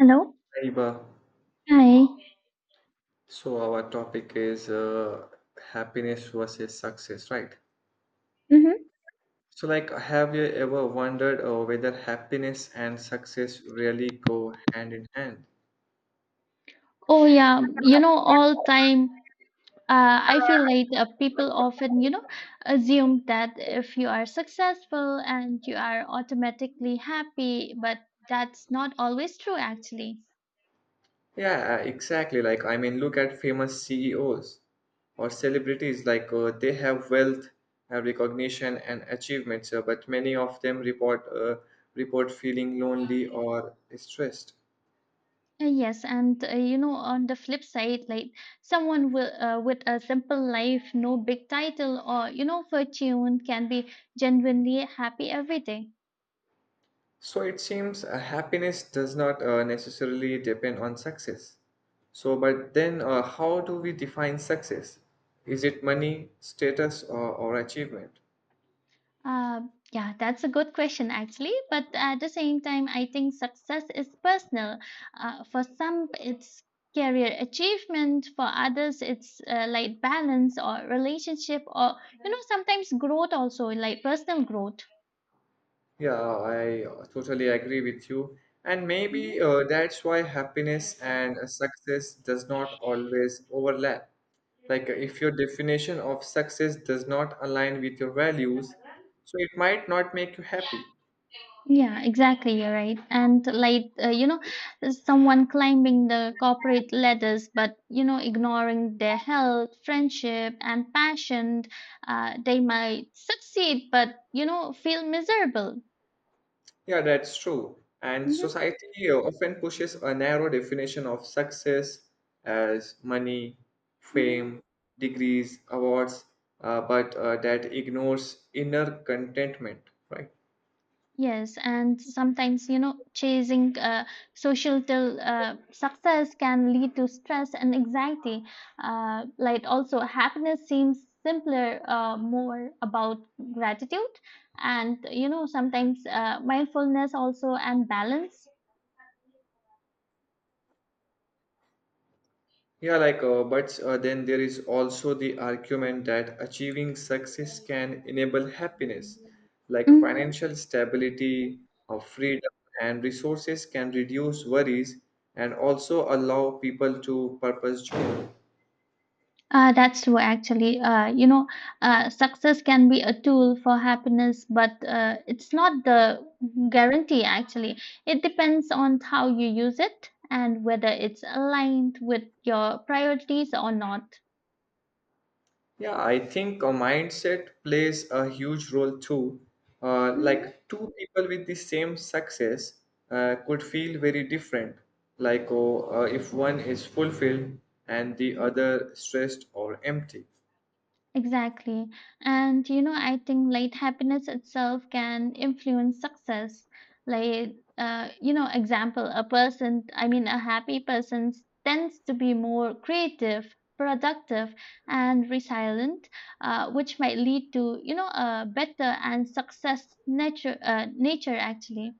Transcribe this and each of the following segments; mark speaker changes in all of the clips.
Speaker 1: Hello.
Speaker 2: Iba.
Speaker 1: Hi.
Speaker 2: So our topic is happiness versus success, right?
Speaker 1: Hmm.
Speaker 2: So like, have you ever wondered whether happiness and success really go hand in hand?
Speaker 1: Oh yeah, all time. I feel like people often, assume that if you are successful and you are automatically happy, but that's not always true, actually.
Speaker 2: Yeah, exactly. Look at famous CEOs or celebrities. They have wealth, have recognition and achievements, but many of them report feeling lonely or stressed.
Speaker 1: Yes, and on the flip side, like someone will, with a simple life, no big title or fortune, can be genuinely happy every day.
Speaker 2: So it seems happiness does not necessarily depend on success. So, but then how do we define success? Is it money, status, or achievement?
Speaker 1: Uh, yeah, that's a good question actually. But at the same time, I think success is personal. For some, it's career achievement. For others, it's like balance or relationship, or sometimes growth also, like personal growth.
Speaker 2: Yeah, I totally agree with you. And
Speaker 1: Mm-hmm.
Speaker 2: maybe that's why happiness and success does not always overlap. Like if your definition of success does not align with your values, so it might not make you happy.
Speaker 1: Yeah, exactly. You're right. And like, someone climbing the corporate ladders, but, ignoring their health, friendship, and passion, they might succeed, but, feel miserable.
Speaker 2: Yeah, that's true. And
Speaker 1: Mm-hmm.
Speaker 2: society often pushes a narrow definition of success as money,
Speaker 1: Mm-hmm.
Speaker 2: fame, degrees, awards, but that ignores inner contentment, right?
Speaker 1: Yes, and sometimes, chasing social till success can lead to stress and anxiety. Like also, happiness seems simpler, more about gratitude, and sometimes mindfulness also and balance.
Speaker 2: Yeah, like, but then there is also the argument that achieving success can enable happiness, like
Speaker 1: Mhm.
Speaker 2: financial stability, freedom, and resources can reduce worries and also allow people to purpose joy.
Speaker 1: That's true, actually. Success can be a tool for happiness, but it's not the guarantee, actually. It depends on how you use it and whether it's aligned with your priorities or not.
Speaker 2: Yeah, I think a mindset plays a huge role too. Uh,
Speaker 1: Mhm.
Speaker 2: like two people with the same success could feel very different. If one is fulfilled and the other stressed or empty.
Speaker 1: Exactly. And I think like happiness itself can influence success. Like, example, a person, I mean, a happy person tends to be more creative, productive, and resilient, which might lead to, a better and success nature actually.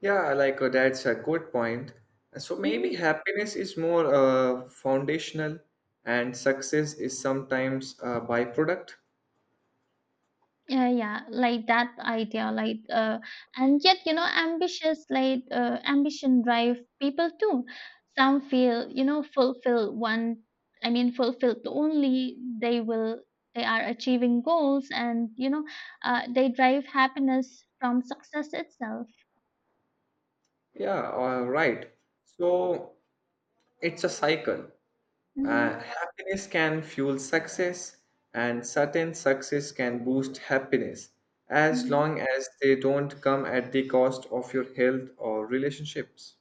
Speaker 2: Yeah, that's a good point. So
Speaker 1: Mhm.
Speaker 2: maybe happiness is more foundational and success is sometimes a byproduct.
Speaker 1: Yeah, yeah, like that idea, like and yet ambitious, like ambition drive people too. Some feel fulfilled one, I mean fulfilled only they are achieving goals, and they drive happiness from success itself.
Speaker 2: Yeah, right. So it's a cycle.
Speaker 1: Mm-hmm,
Speaker 2: Happiness can fuel success, and certain success can boost happiness as
Speaker 1: mm-hmm.
Speaker 2: long as they don't come at the cost of your health or relationships.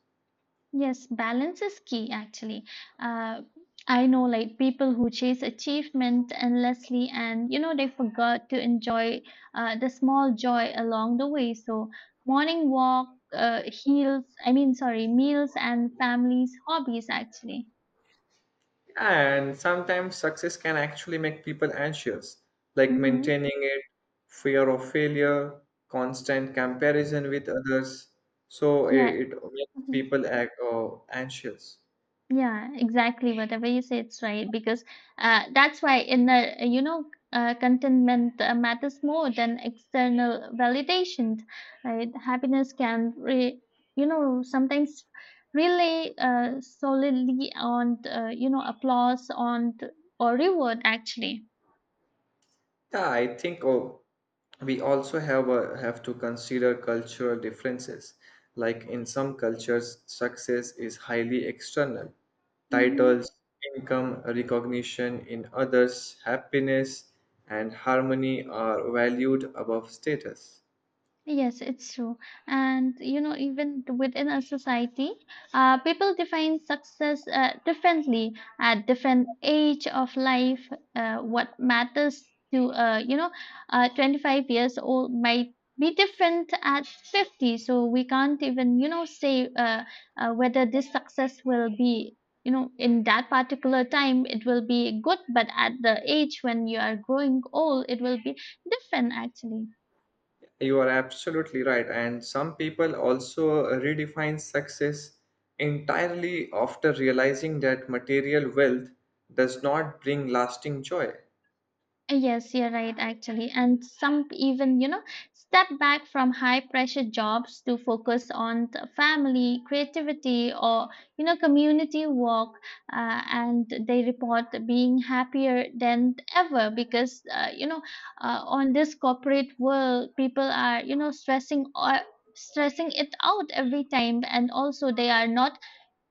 Speaker 1: Yes, balance is key actually. Uh, I know like people who chase achievement endlessly, and they forgot to enjoy the small joy along the way. So morning walk, heals, I mean sorry, meals and families, hobbies actually.
Speaker 2: And sometimes success can actually make people anxious, like
Speaker 1: Mm-hmm.
Speaker 2: maintaining it, fear of failure, constant comparison with others. So
Speaker 1: Yeah.
Speaker 2: it makes
Speaker 1: Mm-hmm.
Speaker 2: people act, anxious.
Speaker 1: Yeah, exactly. Whatever you say, it's right because that's why in the contentment matters more than external validation. Right? Happiness can re- you know sometimes rely solely on applause on or reward actually.
Speaker 2: Yeah, I think we also have to consider cultural differences, like in some cultures success is highly external:
Speaker 1: Mm-hmm.
Speaker 2: titles, income, recognition. In others, happiness and harmony are valued above status.
Speaker 1: Yes, it's true. And even within a society, people define success differently at different age of life. What matters to 25 years old might be different at 50. So we can't even say whether this success will be in that particular time it will be good, but at the age when you are growing old, it will be different actually.
Speaker 2: You are absolutely right, and some people also redefine success entirely after realizing that material wealth does not bring lasting joy.
Speaker 1: Yes, you're right, actually. And some even, step back from high pressure jobs to focus on the family, creativity, or, community work. And they report being happier than ever because, on this corporate world, people are, stressing or stressing it out every time, and also they are not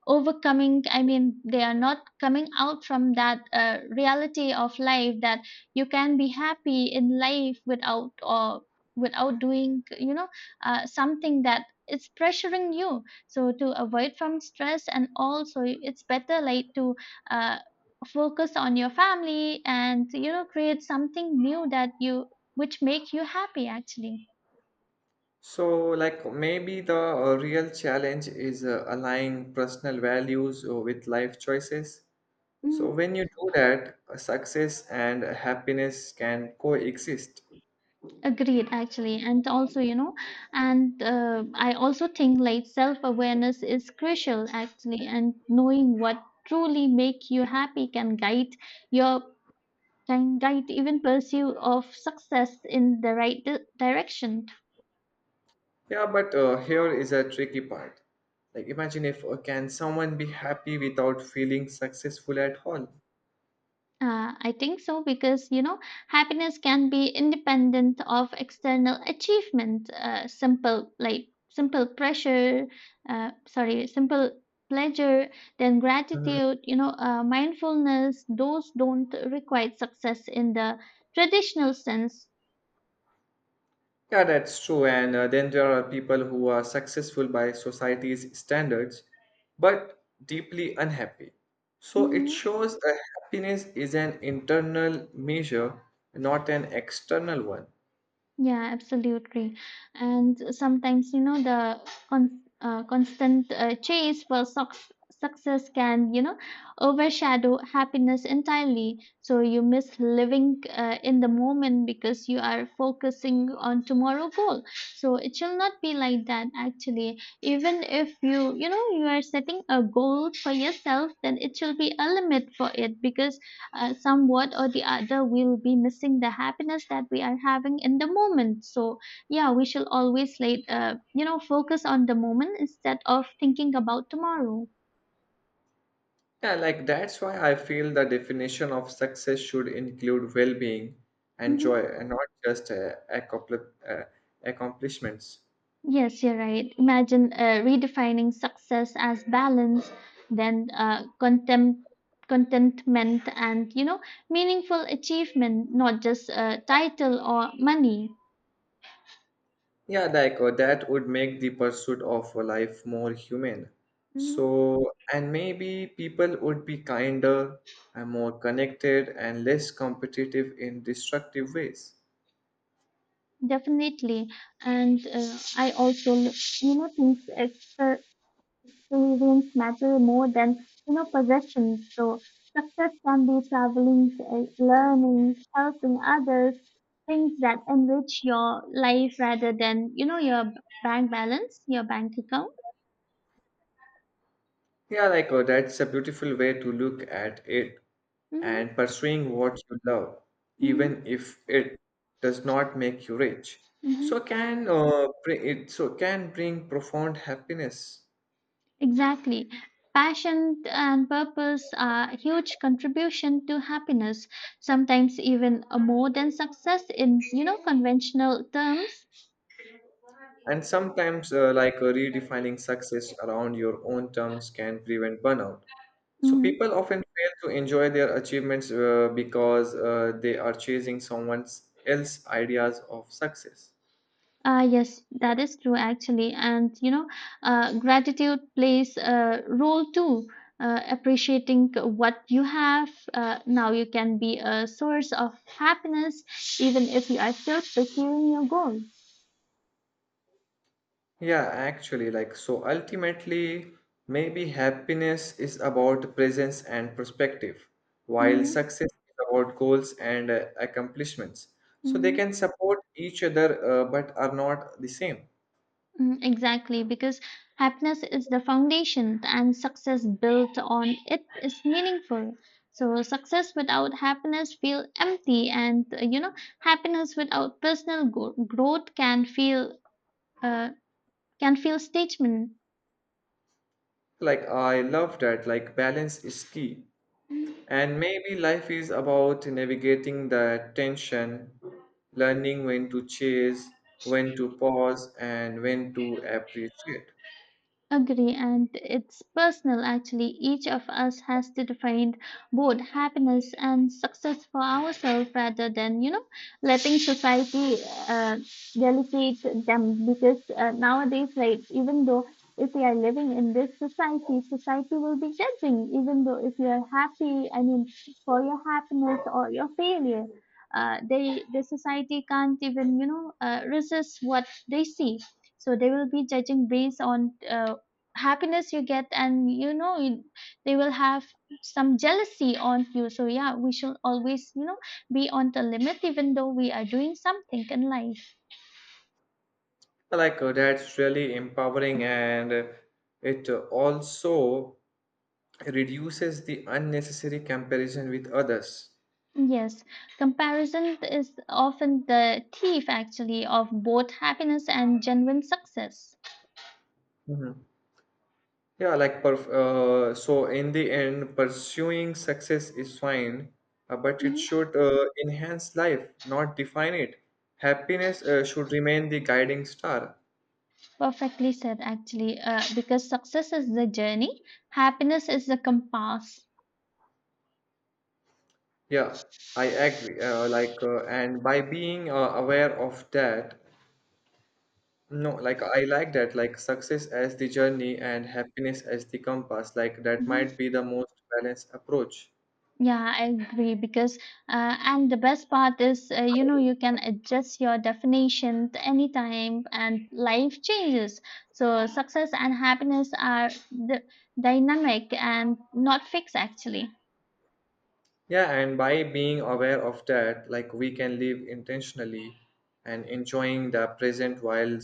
Speaker 1: overcoming, I mean they are not coming out from that reality of life that you can be happy in life without, or without doing something that is pressuring you. So to avoid from stress, and also it's better like to uh, focus on your family and create something new that you which make you happy actually.
Speaker 2: So, like maybe the real challenge is aligning personal values with life choices. So,
Speaker 1: Mm-hmm.
Speaker 2: when you do that, success and happiness can coexist.
Speaker 1: Agreed, actually. And also, you know, and I also think like self awareness is crucial, actually, and knowing what truly make you happy can guide your even pursue of success in the right direction.
Speaker 2: Yeah, but here is a tricky part. Like, imagine if can someone be happy without feeling successful at all?
Speaker 1: I think so because happiness can be independent of external achievement. Simple like simple pressure, sorry, simple pleasure. Then
Speaker 2: Mm-hmm.
Speaker 1: gratitude, mindfulness. Those don't require success in the traditional sense.
Speaker 2: Yeah, that's true. And then there are people who are successful by society's standards, but deeply unhappy. So it
Speaker 1: Mm-hmm.
Speaker 2: shows that happiness is an internal measure, not an external one.
Speaker 1: Yeah, absolutely. And sometimes, the constant chase for success can, overshadow happiness entirely. So you miss living in the moment because you are focusing on tomorrow goal. So it shall not be like that, actually. Even if you are setting a goal for yourself, then it shall be a limit for it, because somewhat or the other we'll be missing the happiness that we are having in the moment. So yeah, we shall always like focus on the moment instead of thinking about tomorrow.
Speaker 2: Yeah, that's why I feel the definition of success should include well being and
Speaker 1: Hmm.
Speaker 2: joy and not just uh, accomplishments.
Speaker 1: Yes, you're right. Imagine redefining success as balance, then contempt contentment, and meaningful achievement, not just title or money.
Speaker 2: Yeah, that would make the pursuit of a life more human.
Speaker 1: Mhm.
Speaker 2: So, and maybe people would be kinder and more connected and less competitive in destructive ways.
Speaker 1: Definitely. And I also think extra experience matter more than possessions. So success can be traveling, learning, helping others, things that enrich your life rather than your bank balance, your bank account.
Speaker 2: Yeah, that's a beautiful way to look at it,
Speaker 1: Hmm.
Speaker 2: and pursuing what you love,
Speaker 1: Hmm.
Speaker 2: even if it does not make you rich. So
Speaker 1: Hmm.
Speaker 2: can uh, bring it so can bring profound happiness.
Speaker 1: Exactly. Passion and purpose are huge contribution to happiness, sometimes even more than success in conventional terms.
Speaker 2: And sometimes, redefining success around your own terms can prevent burnout. So, people often fail to enjoy their achievements because they are chasing someone else's ideas of success.
Speaker 1: Yes, that is true actually. And gratitude plays a role too. Appreciating what you have now, you can be a source of happiness even if you are still pursuing your goal.
Speaker 2: Yeah, actually, like, so ultimately, maybe happiness is about presence and perspective, while
Speaker 1: Mm-hmm,
Speaker 2: success is about goals and accomplishments. So, they can
Speaker 1: mm-hmm,
Speaker 2: support each other but are not the same.
Speaker 1: mm, exactly, because happiness is the foundation and success built on it is meaningful. So, success without happiness feel empty, and happiness without personal growth uh, can feel statement.
Speaker 2: Like, I love that. Like, balance is key. And maybe life is about navigating the tension, learning when to chase, when to pause, and when to appreciate.
Speaker 1: Agree, and it's personal actually. Each of us has to define both happiness and success for ourselves rather than, letting society uh, delegate them. Because nowadays, like, even though if we are living in this society, society will be judging, even though if you are happy, I mean, for your happiness or your failure. The society can't even resist what they see, so they will be judging based on happiness you get, and they will have some jealousy on you. So yeah, we should always be on the limit even though we are doing something in life.
Speaker 2: Like, that's really empowering, and it also reduces the unnecessary comparison with others.
Speaker 1: Yes, comparison is often the thief actually of both happiness and genuine success.
Speaker 2: Mhm. Yeah, like perf so in the end, pursuing success is fine, but it
Speaker 1: Mhm.
Speaker 2: should enhance life, not define it. Happiness should remain the guiding star.
Speaker 1: Perfectly said actually, because success is the journey, happiness is the compass.
Speaker 2: Yeah, I agree. And by being aware of that, no, like I like that, like success as the journey and happiness as the compass. Like that might be the most balanced approach.
Speaker 1: Yeah, I agree, because and the best part is you can adjust your definition to any time and life changes. So success and happiness are the dynamic and not fixed actually.
Speaker 2: Yeah, and by being aware of that, like we can live intentionally and enjoying the present while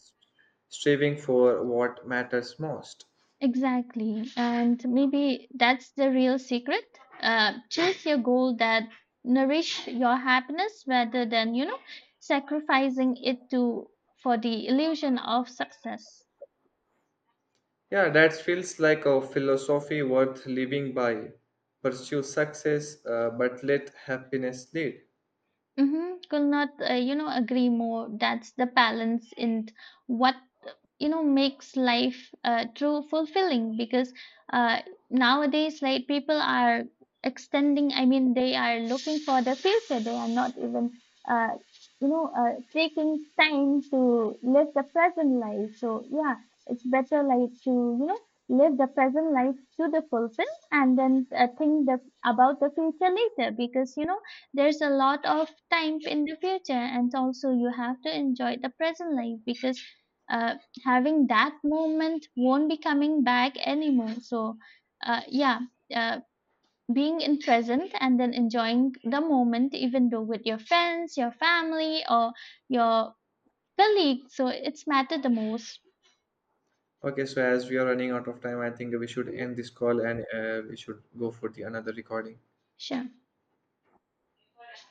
Speaker 2: striving for what matters most.
Speaker 1: Exactly. And maybe that's the real secret. Choose your goal that nourish your happiness rather than, sacrificing it to for the illusion of success.
Speaker 2: Yeah, that feels like a philosophy worth living by. Pursue success, but let happiness lead.
Speaker 1: Mm-hmm. Could not, agree more. That's the balance in what, makes life true fulfilling, because uh, nowadays, like, people are extending, I mean, they are looking for the future. They are not even, uh, taking time to live the present life. So, yeah, it's better, like, to, you know, live the present life to the fulfill, and then think about the future later because, there's a lot of time in the future, and also you have to enjoy the present life because uh, having that moment won't be coming back anymore. So yeah, uh, being in present and then enjoying the moment, even though with your friends, your family, or your colleagues, so it's matter the most.
Speaker 2: Okay, so as we are running out of time, I think we should
Speaker 1: Mhm.
Speaker 2: end this call and we should go for the another recording.
Speaker 1: Sure.